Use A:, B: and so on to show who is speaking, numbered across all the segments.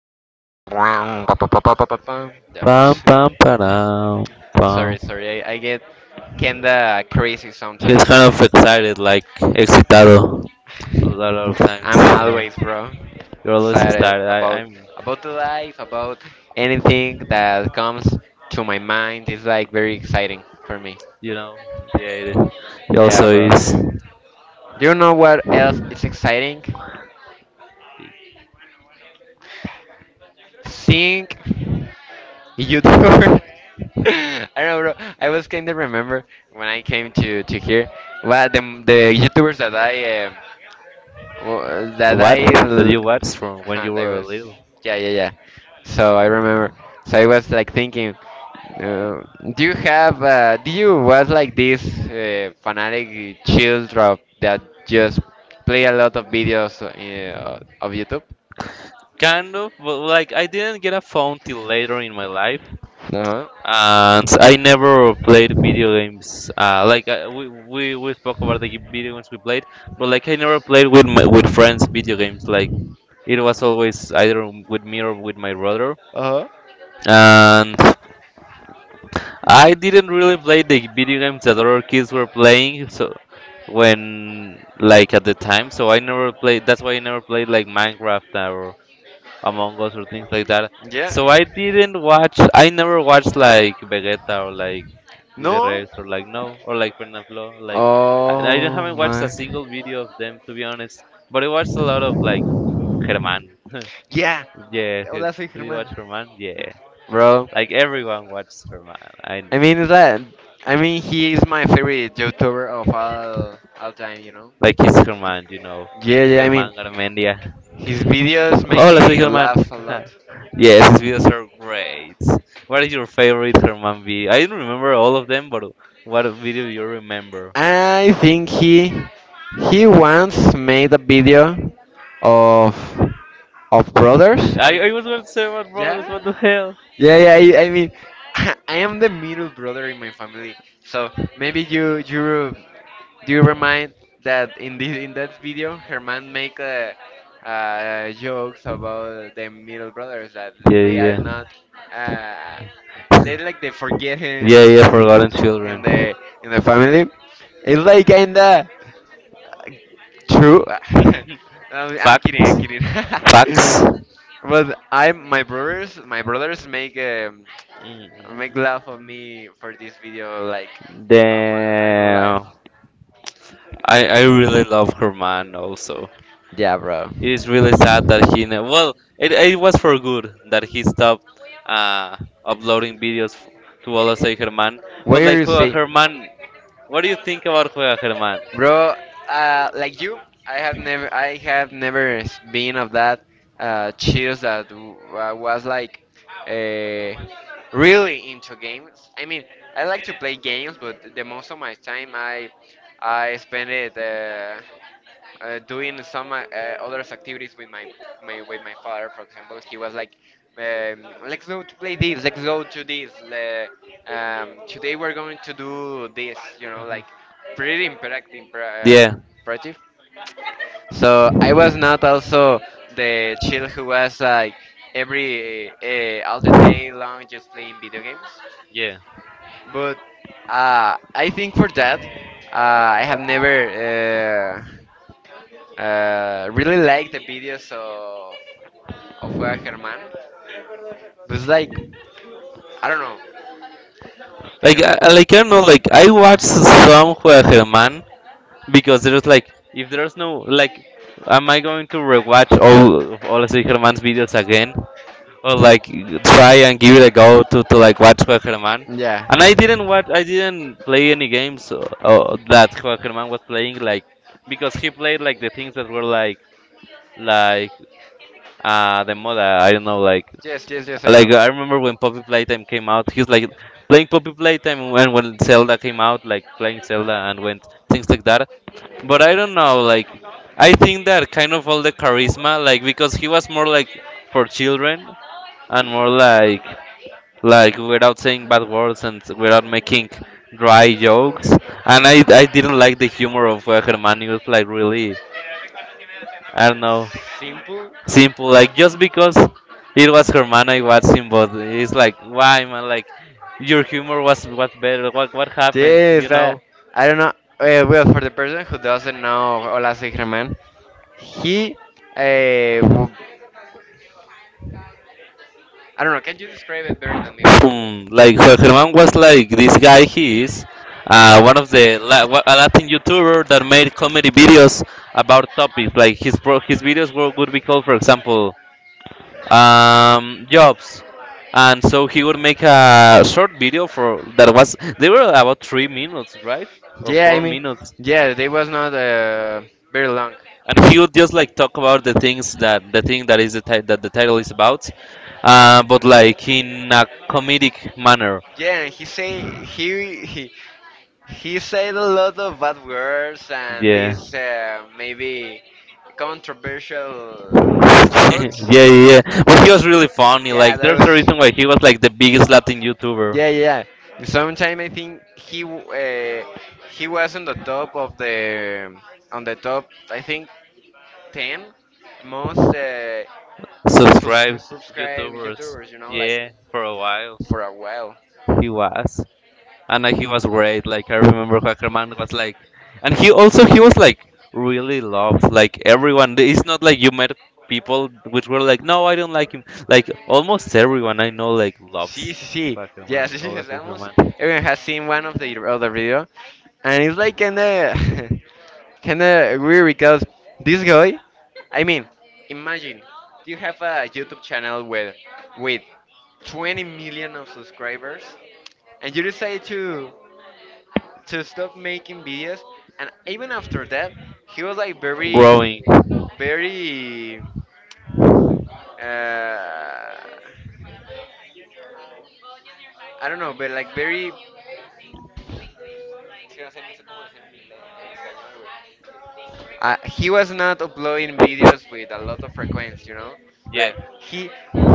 A: pram pa pa pa pa pa pa pam. Yeah, but
B: Pam, pam, param, pam.
A: sorry. I get kinda crazy
B: He's kind
A: sometimes.
B: of excited, like excitado. A lot of times,
A: I'm
B: you know,
A: always, bro,
B: you're always
A: excited
B: excited. I,
A: about
B: I'm,
A: about the life, about anything that comes to my mind. It's like very exciting for me.
B: you know, yeah. it- He
A: Yeah,
B: also
A: bro.
B: is.
A: Do you know what else is exciting? Sing. YouTuber. I don't know, bro. I was kind of remember when I came to here. Well, the YouTubers that wa- that
B: What?
A: I
B: That
A: l-
B: you watched from when you
A: that
B: were
A: was,
B: little?
A: yeah, yeah, yeah. So I remember. So I was like thinking, uh, do you was like this fanatic children that just play a lot of videos of YouTube?
B: Kind of, but like I didn't get a phone till later in my life.
A: Uh huh.
B: And I never played video games. We spoke about the video games we played, but like I never played with my, with friends video games. Like it was always either with me or with my brother.
A: Uh huh.
B: And I didn't really play the video games that other kids were playing. So when like at the time, so I never played. That's why I never played like Minecraft, Among Us, or things like that. So I
A: Yeah.
B: didn't watch. I never watched like Vegeta, or like Willy
A: No.
B: Rex, or like no, or like Fernando. Like I
A: Oh
B: haven't watched a
A: my.
B: single video of them, to be honest. But I watched a lot of like Herman.
A: Yeah.
B: yeah, he-
A: Hola, soy
B: do you
A: Germán.
B: watch Herman? Yeah,
A: Bro,
B: like everyone watches Herman. I
A: I mean is that I mean he is my favorite YouTuber of all time, you know.
B: like he's Herman, you know.
A: Yeah, yeah. I mean
B: Herman Garmendia.
A: his videos make
B: Hola, soy
A: me
B: Germán.
A: laugh a lot.
B: Yes, his videos are great. What is your favorite Herman video? I don't remember all of them, but what video you remember?
A: I think he once made a video of of brothers.
B: I was going to say what brothers,
A: Yeah,
B: what the hell?
A: yeah, yeah. I mean, I am the middle brother in my family, so maybe you do you remind that in that video, Herman make jokes about the middle brothers that
B: Yeah,
A: they are
B: yeah.
A: not uh, they like the forgetting
B: Yeah, yeah,
A: children
B: forgotten
A: in
B: children.
A: the family. It's like kinda true. I'm, I'm
B: Facts.
A: kidding. I'm kidding.
B: Facts.
A: But I my brothers make. Make
B: Mm.
A: laugh of me for this video like I'm alive.
B: Damn. I really love Herman also.
A: Yeah, bro.
B: It is really sad that well it was for good that he stopped uh, uploading videos to Olasoy German, but
A: Where
B: like
A: you
B: Juega
A: see,
B: German. What do you think about Juega German?
A: bro? Like you, I have never been of that cheers was like uh, really into games. I mean, I like to play games, but the most of my time I spend it. Doing some other activities with my father. For example, he was like, "Let's go to play this. Let's go to this. Today we're going to do this." You know, like pretty uh,
B: Yeah,
A: imperative. So I was not also the chill who was like every all the day long just playing video games.
B: yeah,
A: But I think for that, uh, I have never. Really like the videos of Juega Germán. It's like I don't know. Can
B: like
A: never.
B: like I don't know, like I watched some Juega German, because there was like if there's no like am I going to rewatch all of Olasoy German's videos again, or like try and give it a go to like watch Herman.
A: Yeah.
B: And I didn't watch, I didn't play any games that Herman was playing, like because he played like the things that were like the moda, I don't know,
A: Yes, yes, yes. I know.
B: like I remember when Poppy Playtime came out, he's like playing Poppy Playtime, and when Zelda came out, like playing Zelda, and when things like that. But I don't know, like I think that kind of all the charisma, like because he was more like for children and more like without saying bad words and without making dry jokes. And I,
A: Mhm.
B: I didn't like the humor of Hermanius, like really, I don't know,
A: Simple.
B: simple. Like just because it was Hermana, I watched him, but it's like, why, man? Like your humor was better. What happened? You
A: Yes. I,
B: know?
A: I don't know. Well, for the person who doesn't know Olaze Germán, he. Uh, w- I don't know. Can you describe it better than me?
B: This? Like Jorge Herman was like this guy. He is one of the a Latin YouTuber that made comedy videos about topics. Like his his videos were, would be called, for example, jobs. And so he would make a short video for that was they were about 3 minutes, right, or
A: Yeah, I
B: four
A: mean,
B: minutes.
A: yeah, they was not very long.
B: And he would just like talk about the things that the thing that is the that the title is about, but like in a comedic manner.
A: Yeah, and he say he said a lot of bad words and
B: Yeah.
A: these maybe controversial
B: Yeah,
A: jokes,
B: yeah, yeah. But he
A: but
B: was really funny.
A: yeah,
B: Like,
A: that
B: there's a
A: was,
B: reason why he was like the biggest Latin YouTuber.
A: yeah, yeah. Sometime I think he was on the top of the on the top, I think, 10 most to
B: Subscribe
A: subscribe
B: YouTubers.
A: YouTubers, you know, like,
B: Yeah, for a while.
A: for a while.
B: He was. And he was great. Like, I remember Hackerman was like. And he also, he was like really loved. Like, everyone. It's not like you met people which were like, no, I don't like him. Like, almost everyone I know, like,
A: See,
B: loves
A: see, see. Yes,
B: Hackerman.
A: yes,
B: Or like
A: yes. Almost
B: Hackerman.
A: everyone has seen one of the other video, and it's like kinda kinda weird because this guy, I mean, imagine you have a YouTube channel with 20 million of subscribers, and you decide to stop making videos, and even after that, he was like very, very uh, I don't know, but like very. He was not uploading videos with a lot of frequency, you know.
B: Yeah.
A: Like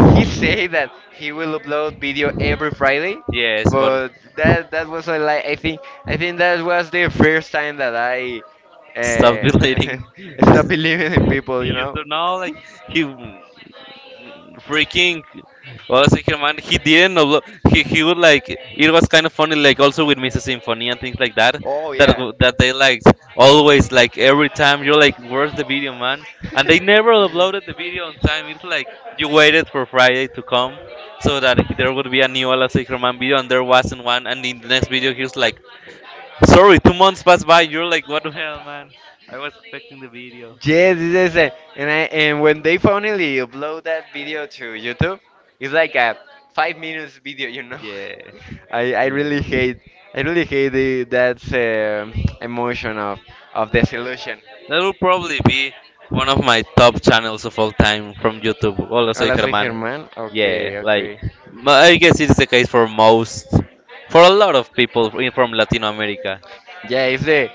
A: he said that he will upload video every Friday,
B: Yes,
A: but that was like I think that was the first time that I uh,
B: deleting.
A: stopped believing in people, you
B: You
A: know.
B: don't know, like he freaking Olasekir man, he didn't upload. He would like it was kind of funny, like also with Mrs. Symphony and things like that.
A: Oh
B: That
A: yeah.
B: that they liked always like every time you're like, where's the video, man? And they never uploaded the video on time. It's like you waited for Friday to come so that there would be a new Olasekir man video, and there wasn't one. And in the next video, he was like, sorry, 2 months passed by. You're like, what the hell, man? I was expecting the video.
A: Yes, yes, yes. And when they finally upload that video to YouTube, it's like a 5 minutes video, you know.
B: Yeah.
A: I really hate the, that emotion of disillusion.
B: That will probably be one of my top channels of all time from YouTube. Hola, soy
A: Honestly,
B: Germán.
A: Germán.
B: Yeah,
A: Okay,
B: like
A: okay.
B: I guess it's the case for most, for a lot of people from Latino America.
A: Yeah, it's the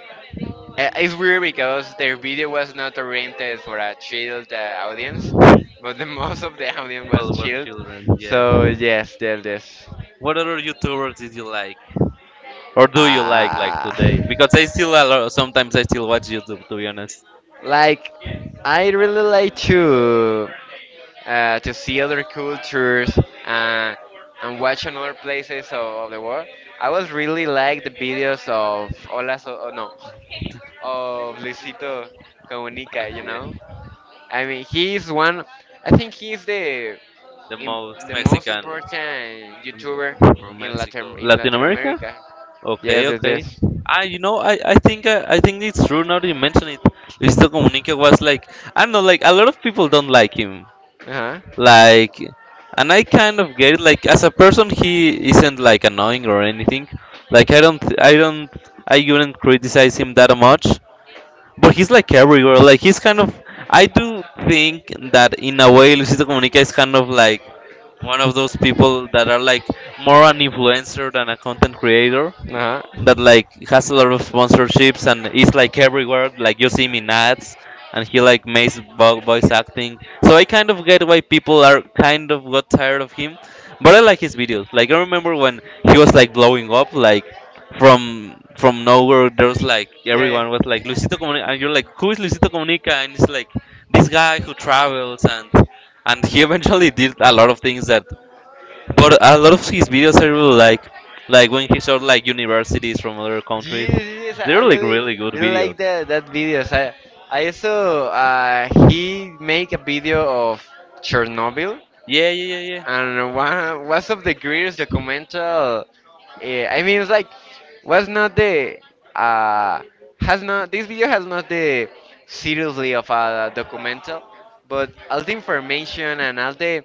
A: It's weird because their video was not oriented for a child audience, but the most of the audience was
B: Well, we're
A: chilled.
B: children, yeah.
A: So yes, there it is.
B: What other YouTubers did you like, or do you like
A: Ah,
B: today? Because I still a lot, sometimes I still watch YouTube, to be honest.
A: like I really like to see other cultures uh, and watch another places of the world. I was really like the videos of Hola, so, oh, no, of Luisito Comunica, you
B: Yeah.
A: know. I mean, he is one. I think he's the
B: The
A: im
B: most
A: the most
B: Mexican
A: important YouTuber
B: mm, from Mexico,
A: in
B: Latin
A: Latin
B: America.
A: America.
B: Okay,
A: Yes, yes,
B: okay.
A: yes.
B: Ah, you know, I think I think it's true now that you mention it. Luisito Comunica was like I don't know, like a lot of people don't like him.
A: Uh huh.
B: Like, and I kind of get it. Like as a person, he isn't like annoying or anything. Like I wouldn't criticize him that much, but he's like everywhere. Like he's kind of. I do think that in a way, Luisito Comunica is kind of like one of those people that are like more an influencer than a content creator that like has a lot of sponsorships and is like everywhere. Like you see him in ads, and he like makes voice acting. So I kind of get why people are kind of got tired of him, but I like his videos. Like I remember when he was like blowing up,
A: Uh
B: like from
A: huh.
B: nowhere there was like
A: Yeah, yeah.
B: everyone was like Luisito Comunica, and you're like who is Luisito Comunica, and it's like this guy who travels, and he eventually did a lot of things that but a lot of his videos I really like when he showed like universities from other countries.
A: Yes, yes, I
B: They're
A: I
B: like
A: really,
B: really good
A: really
B: videos.
A: like that videos. I also he make a video of Chernobyl,
B: Yeah, yeah, yeah, yeah.
A: and one was of the greatest documental. I mean, it's like was not the uh has not this video has not the seriously of a documental, but all the information and all the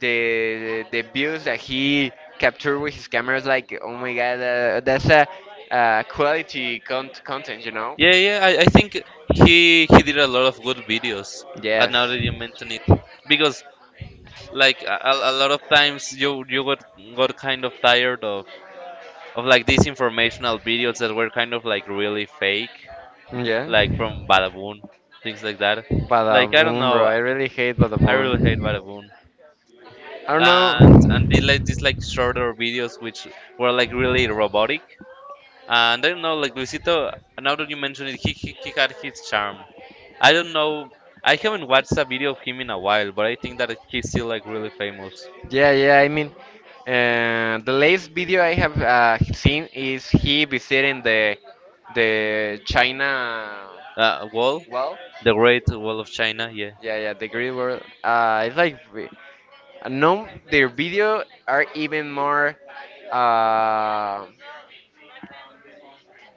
A: the the views that he captured with his camera is like oh my god, that's a quality content, you know.
B: Yeah, yeah. I think he did a lot of good videos. And now
A: Yes.
B: that you mention it, because like a lot of times you got kind of tired of like these informational videos that were kind of like really fake, like from Badaboon, things like that.
A: Badaboom,
B: Like I don't
A: Badaboom, bro.
B: know.
A: I really hate
B: I really hate
A: Badaboom.
B: Badaboom.
A: I don't
B: And they
A: know.
B: like these like shorter videos which were like really robotic. And I don't know, like Luisito now that you mention it, he had his charm. I don't know, I haven't watched a video of him in a while, but I think that he's still like really famous.
A: Yeah, yeah. I mean, the last video I have seen is he visiting the China
B: Uh, Wall?
A: wall.
B: The Great Wall of China, yeah.
A: Yeah, yeah, the green world. It's like no, their video are even more uh,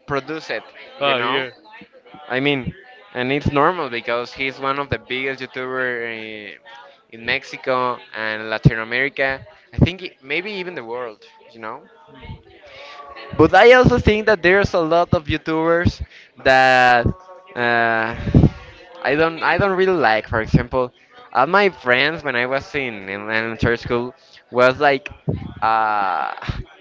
A: produced. You
B: Oh
A: know,
B: yeah.
A: I mean, and it's normal because he's one of the biggest YouTuber in Mexico and Latin America. I think maybe even the world. You know. But I also think that there's a lot of YouTubers that uh, I don't really like. For example, all my friends when I was in elementary school was like, uh,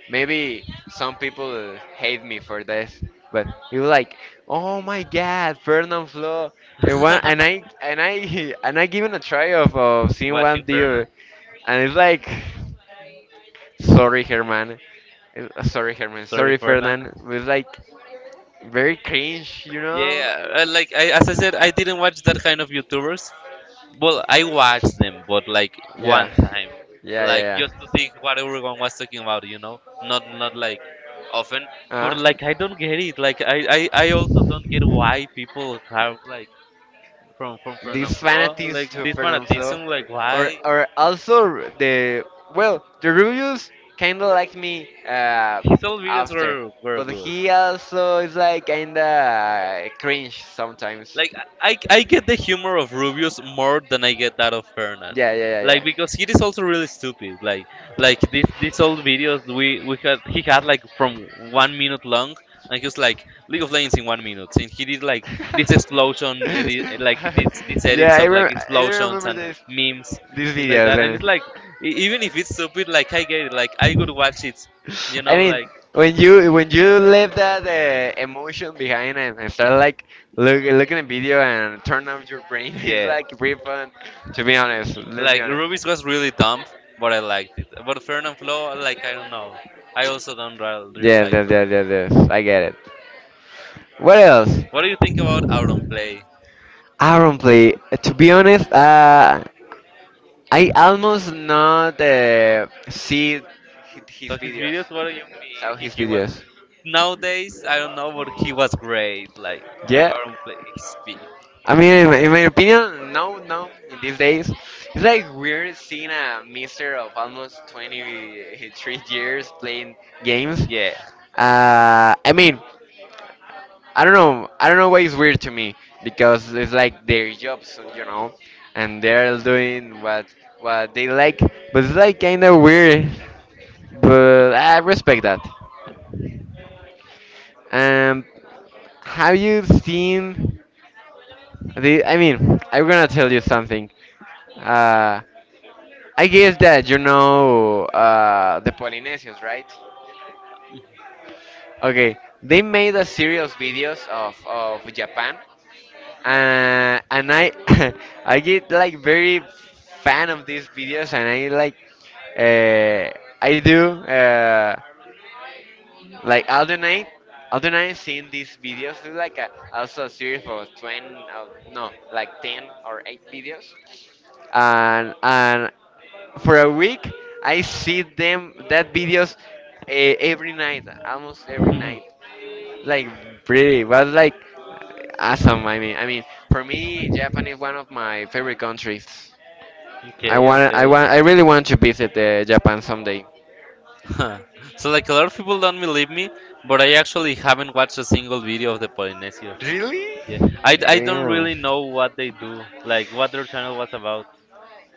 A: maybe some people hate me for this, but you like, oh my God, Fernand Flo, and I and I given a try of seeing one
B: Watching Fernan?
A: deal, and it's like. Sorry, Herman.
B: Sorry
A: Sorry,
B: Fernan.
A: Fernand. It was like very cringe, you know?
B: Yeah, like I, as I said, I didn't watch that kind of YouTubers. Well, I watched them, but like
A: Yeah.
B: one time,
A: Yeah,
B: like
A: yeah,
B: just to see what everyone was talking about, you know, not like often. But
A: yeah.
B: like I don't get it. Like I also don't get
A: Uh,
B: why people have like from
A: the
B: Fernand Flo
A: fanatics
B: like
A: to
B: this
A: Fernand's Law,
B: fanatism. Like why?
A: or also the well, the Rubius kind of like me
B: His old videos
A: after,
B: were
A: but
B: good.
A: he also is like kind of cringe sometimes.
B: Like I get the humor of Rubius more than I get that of Fernan.
A: Yeah, yeah,
B: Like
A: yeah,
B: because he is also really stupid. Like this these
A: yeah.
B: old videos we had he had like from 1 minute long, and he was like League of Legends in 1 minute, and he did like this explosion edit, like this these
A: Yeah,
B: edits of like
A: I don't
B: explosions
A: remember
B: and
A: this
B: memes,
A: these
B: things like
A: videos.
B: that, and
A: And
B: it's like even if it's stupid like I get it like I could watch it, you
A: I
B: know,
A: mean,
B: like,
A: when you leave
B: dude, I
A: that
B: think Mario-
A: emotion behind and start like looking at video and turn off your brain, it's
B: yeah
A: like pretty fun. To be honest, let's be
B: like
A: honest.
B: Rubius was really dumb but I liked it but fern and flow like I don't know I also don't really, really
A: Yes,
B: like
A: yes,
B: fern.
A: yes, yes, yes. I get it. What else?
B: What do you think about out on play?
A: I don't play. To be honest, I almost not see his
B: So his
A: videos,
B: videos, what do you mean?
A: saw his
B: He was
A: videos.
B: nowadays, I don't know, but he was great. Like
A: Yeah,
B: I don't play his peak. He
A: I mean,
B: played.
A: in my opinion, no, no. In these days, it's like we're seeing a mister of almost 23 years playing games.
B: Yeah.
A: I mean, I don't know. I don't know why it's weird to me because it's like their jobs, you know, and they're doing what they like. But it's like kind of weird. But I respect that. Um, have you seen the? I mean, I'm gonna tell you something. Uh, I guess that you know the Polynesians, right? Okay, they made a series of videos of Japan, and I I get like very fan of these videos, and I like I do like all the night seeing these videos. It's like also a series for 20, no, like 10 or 8 videos, and for a week I see them that videos, uh, every night, almost every
B: Mhm.
A: night, like pretty, but like awesome. I mean, for me, Japan is one of my favorite countries.
B: Okay. Okay.
A: I really want to visit Japan someday.
B: Huh. So like a lot of people don't believe me, but I actually haven't watched a single video of the Polynesians.
A: Really?
B: Yeah, I don't
A: Damn.
B: really know what they do, like what their channel was about.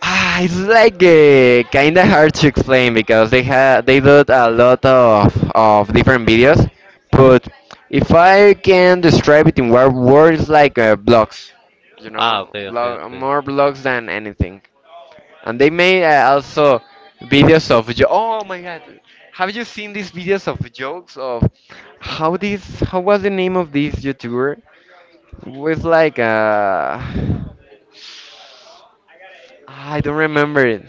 A: Ah, it's like kind of hard to explain because they do a lot of different videos, but if I can describe it in one word, it's like blogs. You
B: Ah,
A: know,
B: okay, okay,
A: blog,
B: okay.
A: more blogs than anything. And they made also videos oh my god, have you seen these videos of jokes of how was the name of this YouTuber? Was like I don't remember it.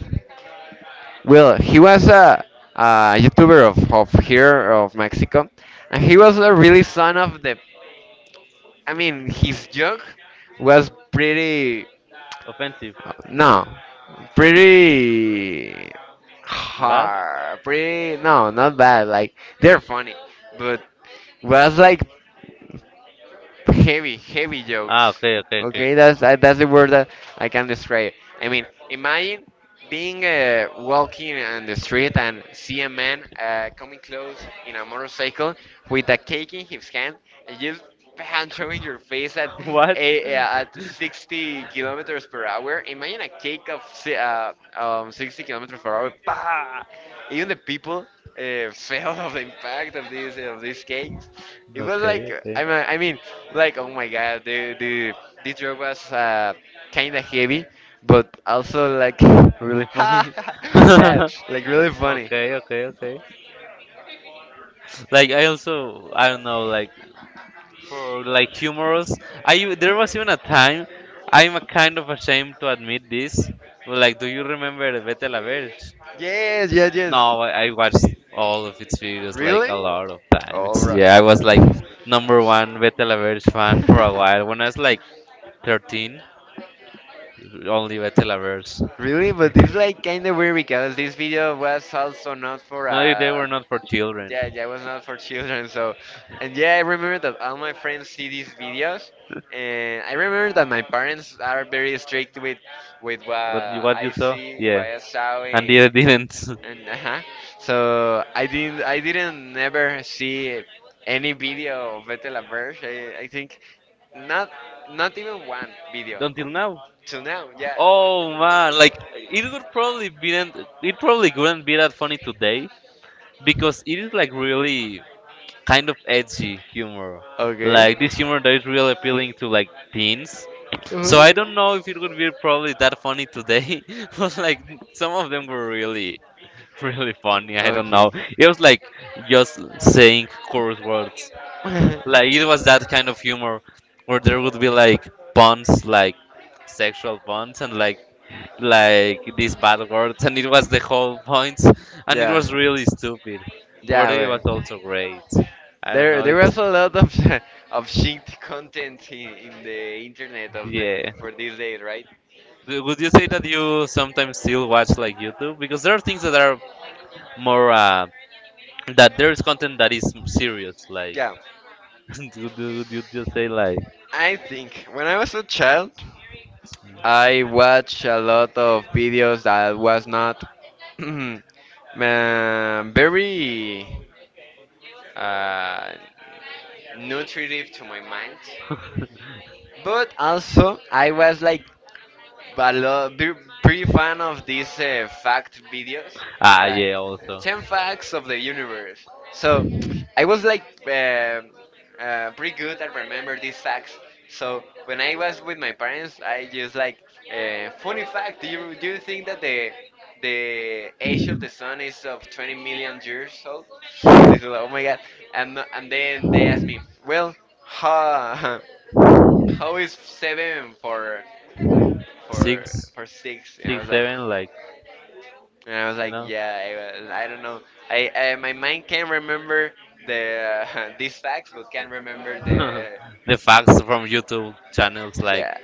A: Well, he was a YouTuber of here, of Mexico, and he was a really son of the. I mean, his joke was pretty
B: Offensive,
A: No, pretty
B: bad.
A: hard. Pretty no, not bad. Like they're funny, but was like heavy, heavy
B: Ah,
A: jokes.
B: okay, okay, okay.
A: Okay, that's the word that I can describe. I mean, imagine being walking on the street and see a man coming close in a motorcycle with a cake in his hand just pancho in your face
B: What?
A: at 60 kilometers per hour. Imagine a cake of 60 kilometers per hour. Bah! Even the people felt of the impact of these cakes.
B: It,
A: It was like
B: okay, okay.
A: I mean, like oh my god, the this drug was kind of heavy, but also like
B: Really funny. Like
A: yeah, like
B: really
A: really funny.
B: okay, okay, okay. Like I also I don't know like for like humorous. There was even a time I'm a kind of ashamed to admit this. But like, do you remember Vete a la Verge?
A: Yes, yes,
B: Yeah.
A: yes.
B: No, I watched all of its videos like a
A: Really?
B: lot of times.
A: Oh, bro.
B: Yeah, I was like number one Betelaverse fan for a while. When I was like 13, only Betelaverse.
A: Really? But it's like kind of weird because this video was also not for
B: No, they were not for children.
A: yeah, yeah, it was not for children. So, and yeah, I remember that all my friends see these videos, and I remember that my parents are very strict with what
B: But you, what you
A: I
B: saw?
A: see, what
B: Yeah.
A: I saw,
B: And they didn't.
A: and uh-huh. So I didn't never see any video of Vete la Verge. I think not, not even one video
B: Until now.
A: till now. Yeah.
B: Oh man, like it probably wouldn't be that funny today because it is like really kind of edgy humor,
A: Okay.
B: like this humor that is really appealing to like teens. So
A: Uh-huh.
B: I don't know if it would be probably that funny today. But like some of them were really really funny. I don't know,
A: Okay.
B: it was like just saying curse words. Like it was that kind of humor where there would be like puns, like sexual puns, and like these bad words, and it was the whole point, and it
A: yeah.
B: was really stupid. But
A: Yeah,
B: it was
A: well.
B: also great. I don't
A: There
B: know.
A: there
B: It's
A: was a lot of of shit content in the internet of the
B: Yeah.
A: for these days, right?
B: Would you say that you sometimes still watch like YouTube? Because there are things that are more that there is content that is serious. Like,
A: Yeah.
B: do you just say like?
A: I think when I was a child I watch a lot of videos that was not man, very uh, nutritive to my mind. But also, I was like but lo- be pretty fan of these fact videos,
B: Ah,
A: like
B: yeah, also.
A: 10 facts of the universe. So I was like pretty good at remember these facts. So when I was with my parents, I just like funny fact. Do you think that the age of the sun is of 20 million years old? They said, oh my god! And then they asked me, well, huh, how is seven for? For
B: Six,
A: for six, and I
B: six,
A: was like,
B: seven, like,
A: and I was
B: you
A: like,
B: know.
A: yeah, was- I don't know. I, my mind can't remember the these facts, but can not remember the
B: The facts from YouTube channels, like
A: yeah.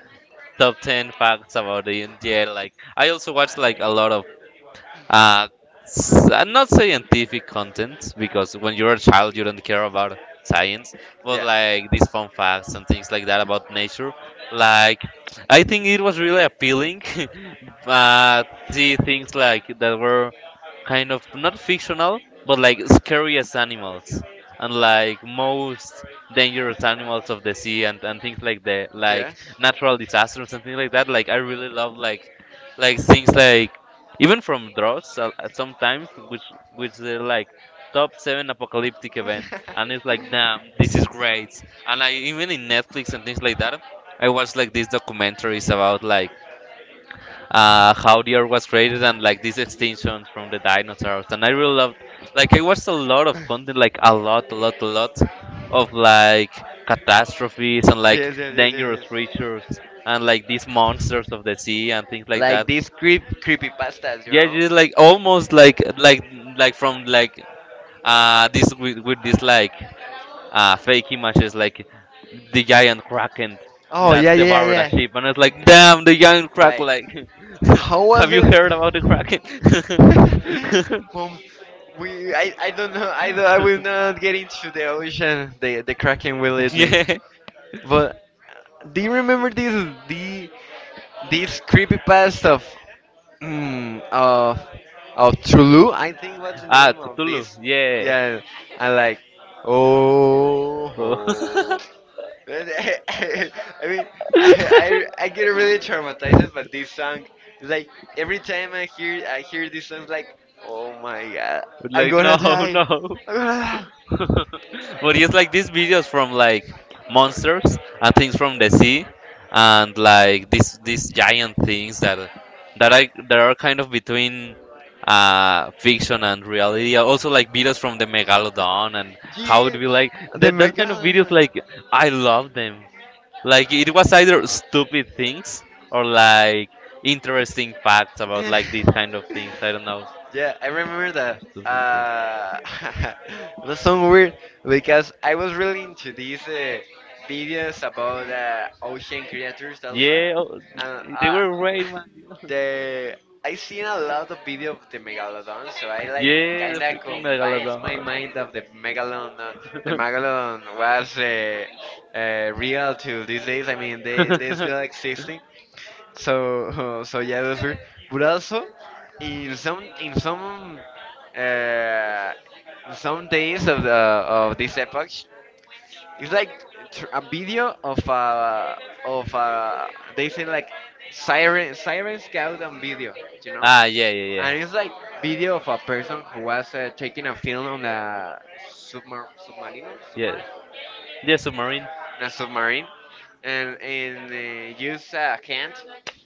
B: top 10 facts about the India. Like, I also watch like a lot of Uh, not scientific content, because when you're a child you don't care about science, but
A: Yeah.
B: like these fun facts and things like that about nature. Like, I think it was really appealing. uh, See things like that were kind of not fictional, but like scariest animals and like most dangerous animals of the sea, and things like the like
A: Yeah.
B: natural disasters and things like that. Like I really love like things like even from draws at sometimes, which they're like top seven apocalyptic event, and it's like damn, this is great. And I, even in Netflix and things like that, I watch like these documentaries about like how the earth was created and like these extinctions from the dinosaurs. And I really loved, like, I watched a lot of content, like, a lot, a lot, a lot of like catastrophes and like
A: yes, yes, yes, yes,
B: dangerous
A: yes.
B: creatures and like these monsters of the sea and things like
A: Like
B: that.
A: these creepy pastas, you
B: Yeah,
A: know?
B: just like almost like like from like this with this like fake images like the giant kraken
A: Oh yeah,
B: that
A: yeah, yeah,
B: devoured a
A: yeah.
B: ship, and it's like, damn, the giant kraken.
A: Like,
B: Like,
A: how
B: have
A: was
B: you
A: it?
B: heard about the kraken?
A: Mom, we I don't know. I will not get into the ocean. The kraken will eat me.
B: Yeah.
A: But do you remember this the this creepy past of mm, of Tulu? I think what's the
B: Ah,
A: name of
B: Cthulhu.
A: this?
B: Yeah.
A: Yeah, I like oh.
B: Oh.
A: Ho. I mean, I I get really traumatized by this song. It's like every time I hear this song, it's like, oh my god,
B: It's
A: I'm
B: like, no.
A: gonna die,
B: No.
A: I'm gonna die.
B: But it's like these videos from like
A: Sorry.
B: monsters and things from the sea and like these giant things that are kind of between fiction and reality, also like videos from the megalodon and how it
A: Yeah,
B: be like
A: the
B: that kind of videos.
A: megalodon.
B: Like I love them. Like it was either stupid things or like interesting facts about like these kind of things. I don't know.
A: yeah, I remember that.
B: Stupid
A: That's
B: things.
A: so weird because I was really into these videos about ocean creatures also,
B: Yeah, oh,
A: and
B: they were great, man.
A: the I seen a lot of video of the megalodon, so I like
B: Yeah, the
A: kinda
B: freaking
A: combines my
B: megalodon.
A: mind of the megalodon. The megalodon was real till these days. I mean, they still existing. So so yeah, those were. But also, in some in some uh, in some days of the of this epoch, it's like a video of a they say like siren siren scout on video, you know,
B: Ah, yeah, yeah, yeah.
A: and it's like video of a person who was taking a film on a
B: Yes.
A: submarine
B: Yeah, submarine.
A: in a submarine, and used a hand.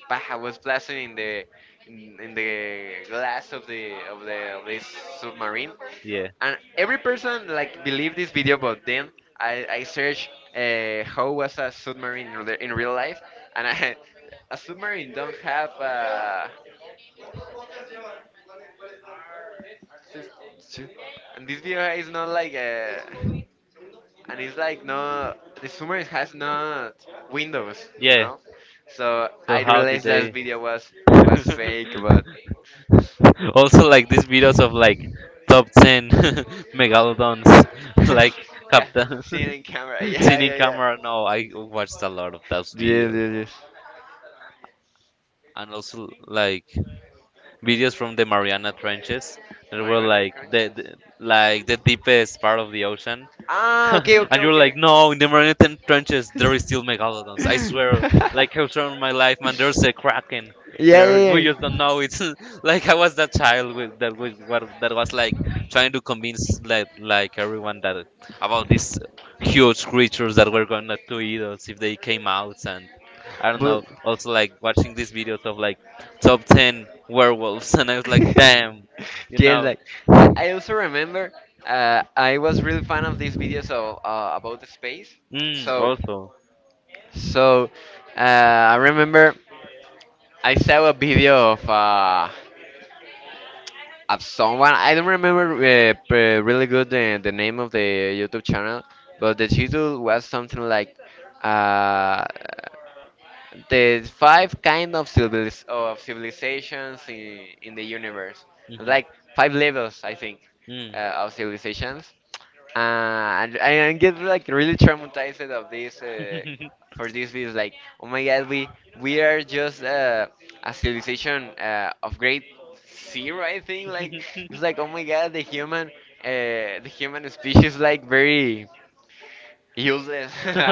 A: Bah, was blasting in the in the glass of the of the of this submarine,
B: Yeah.
A: and every person like believed this video, but then I searched how was a submarine in real life, and a submarine don't have this- and this video is not like a. And it's like no the submarine has not windows you
B: Yeah.
A: know so
B: So
A: I
B: how did
A: realized that
B: they?
A: video was fake but
B: Also like these videos of like top 10 megalodons,
A: yeah
B: like captain
A: seen in camera yeah
B: sitting
A: yeah yeah
B: camera. No, I watched a lot of those
A: yes
B: videos
A: yes yes
B: and also like videos from the Mariana Trenches that were
A: marijuana
B: like
A: conscious
B: the like the deepest part of the ocean.
A: ah okay okay
B: And you're
A: okay
B: like, no, in the Mariana Trenches there is still megalodons. I swear,
A: yeah,
B: like I've thrown my life, man. There's a kraken.
A: yeah,
B: There, we
A: yeah.
B: just don't know it. Like I was that child with, that was like trying to convince like everyone that about these huge creatures that were gonna to eat us if they came out. And I don't
A: But
B: know. Also, like watching these videos of like top 10 werewolves. And I was like damn, you
A: yeah,
B: know.
A: like I also remember I was really fan of these videos of, about the space.
B: Mm,
A: So
B: also.
A: So I remember I saw a video of someone. I don't remember really good the name of the YouTube channel, but the title was something like uh, the five kind of civilizations in the universe.
B: Hmm.
A: Like five levels, I think,
B: Mm.
A: of civilizations. And get like really traumatized of this for this is like oh my god we are just a civilization of grade zero I think like it's like oh my god the human species like very Useless.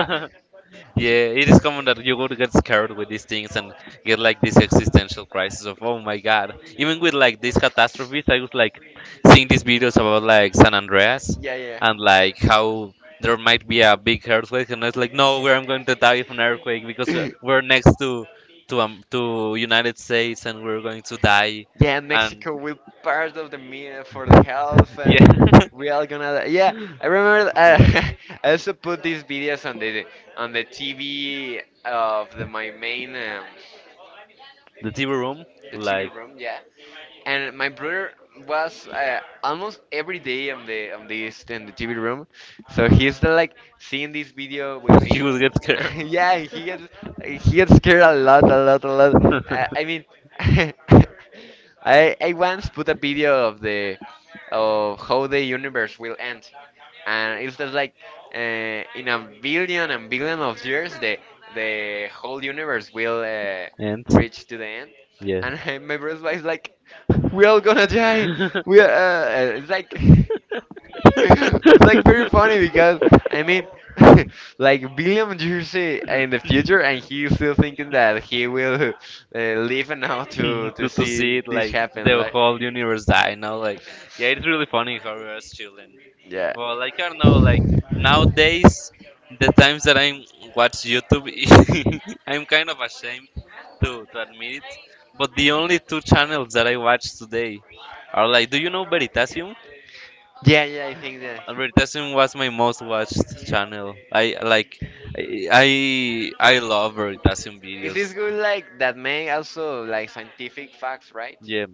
A: T-
B: Yeah, it is common that you would get scared with these things and get like this existential crisis of oh my god. Even with like these catastrophes I was like seeing these videos about like San Andreas
A: Yeah, yeah.
B: and like how there might be a big earthquake, and it's like no, where I'm going to die from an earthquake because we're
A: Yeah,
B: we're next to United States and we're going to die.
A: Yeah,
B: And
A: Mexico will part of the meal for the health and we
B: yeah.
A: are gonna die. Yeah, I remember. I also put these videos on the TV of the my main
B: The TV room.
A: the TV
B: Like,
A: room. Yeah, and my brother was almost every day on the on this in the TV room, so he's like seeing this video with
B: you
A: me.
B: would get scared.
A: yeah, he gets scared a lot, a lot, a lot. I mean, I once put a video of the of how the universe will end and it's just like in a billion and billion of years the whole universe will
B: And
A: reach to the end
B: yes.
A: and my brother was like we're all gonna die we are it's like it's like very funny because i mean like billion years in the future and he's still thinking that he will live enough to
B: To see
A: see
B: it
A: this
B: like
A: happen
B: the
A: like
B: whole universe die, you know? Like, yeah, it's really funny how we are chilling.
A: yeah.
B: But like, I don't know, like nowadays, the times that I watch YouTube, I'm kind of ashamed to admit it. But the only two channels that I watch today are like, do you know Veritasium?
A: Yeah, yeah, I think that.
B: Veritasium was my most watched channel. I like, I love Veritasium
A: It Is this
B: videos.
A: good like that may also like scientific facts, right?
B: Yeah,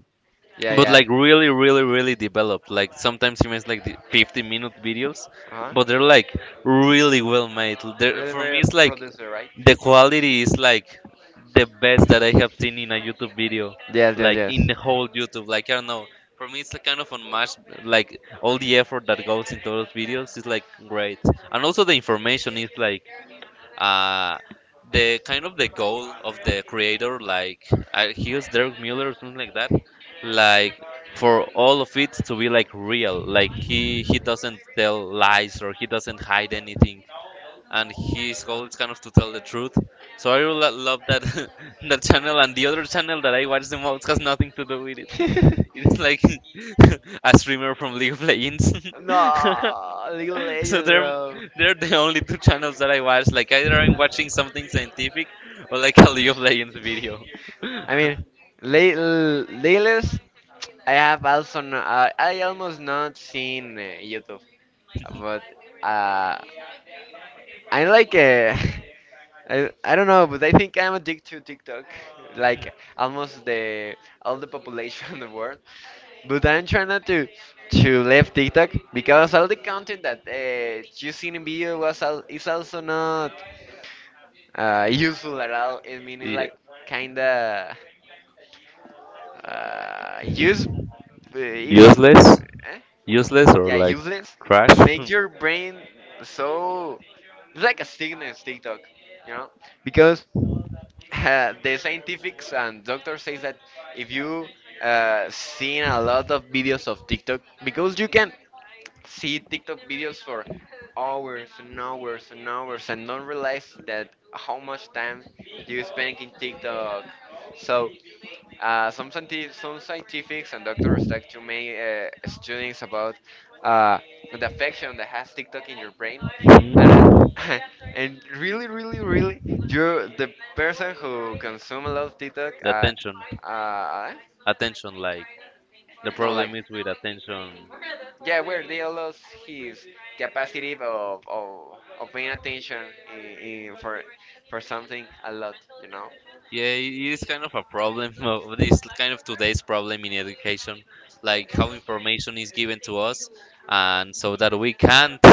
A: Yeah,
B: but
A: yeah.
B: like really really really developed, like sometimes he makes like the 50-minute videos,
A: Uh-huh.
B: but they're like really well made.
A: Really
B: For me
A: very
B: it's like
A: producer, right?
B: the quality is like the best that I have seen in a YouTube video.
A: Yes,
B: Like
A: yes,
B: in the whole YouTube, like I don't know, for me it's a kind of unmatched, like all the effort that goes into those videos is like great. And also the information is like uh, the kind of the goal of the creator, like I he was Derek Miller or something like that, like for all of it to be like real. Like he doesn't tell lies or he doesn't hide anything, and his goal is kind of to tell the truth. So I really love that that channel, and the other channel that I watch the most has nothing to do with it.
A: yes.
B: It's like a streamer from League of Legends.
A: No, League of
B: So
A: Legends,
B: they're
A: bro.
B: they're the only two channels that I watch. Like either I'm watching something scientific or like a League of Legends video.
A: I mean, latest I have also no, I almost not seen YouTube, but uh, I like I don't know, but I think I'm addicted to TikTok, like almost the all the population in the world. But I'm trying not to to leave TikTok because all the content that you see in video was al is also not useful at all. I mean, it's
B: Yeah.
A: like kinda uh, use is
B: Useless,
A: eh?
B: useless, or
A: Yeah
B: like
A: useless
B: trash. Hmm.
A: and make
B: Mhm.
A: your brain so it's like a sickness TikTok, you know? Because the scientifics and doctors says that if you seen a lot of videos of TikTok, because you can see TikTok videos for hours and hours and hours and don't realize that how much time you spend in TikTok. So some scientifics and doctors like to make students about uh, the affection that has TikTok in your brain and uh, and really, really, really, you're the person who consume a lot of TikTok.
B: The attention,
A: Uh,
B: attention. Like the
A: no, like
B: problem is with attention.
A: yeah, where they lost his capacity of paying attention in, in for something a lot, you know.
B: Yeah, it is kind of a problem of this kind of today's problem in education, like how information is given to us, and so that we can't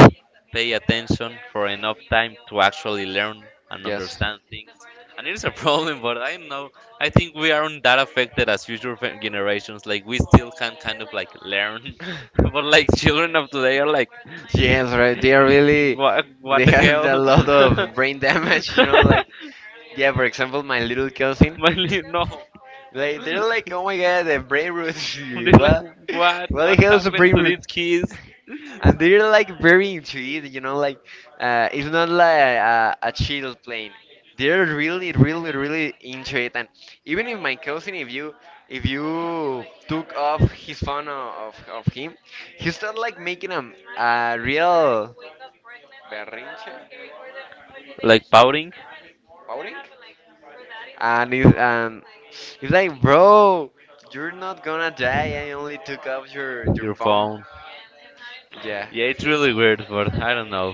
B: pay attention for enough time to actually learn and
A: Yes.
B: understand things. And it is a problem, but I don't know. I think we aren't that affected as future generations. Like we still can kind of like learn, but like children of today are like,
A: Yes, right. They are really.
B: what
A: They
B: the
A: had a
B: hell?
A: lot of brain damage, you know. Like, yeah, for example, my little cousin.
B: Manly, no.
A: Like, they're like, oh my god, the brain root.
B: They're like,
A: what?
B: what?
A: What the
B: What
A: hell is a
B: happened
A: brain
B: to
A: root?
B: these keys?
A: And they're like very into it you know like it's not like a chill plane they're really really really into it and even if my cousin if you took off his phone of him he started like making a real berrinche
B: Like powering
A: and it's like, bro, you're not gonna die. I only took off your
B: your
A: phone.
B: phone.
A: Yeah.
B: Yeah, it's really weird, but I don't know.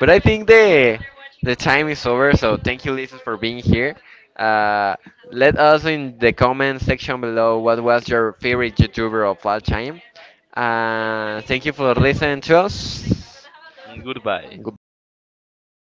A: But I think the time is over. So thank you, Lisa, for being here. Uh, let us in the comment section below what was your favorite YouTuber of all time. Thank you for listening to us.
B: Goodbye.
A: Goodbye.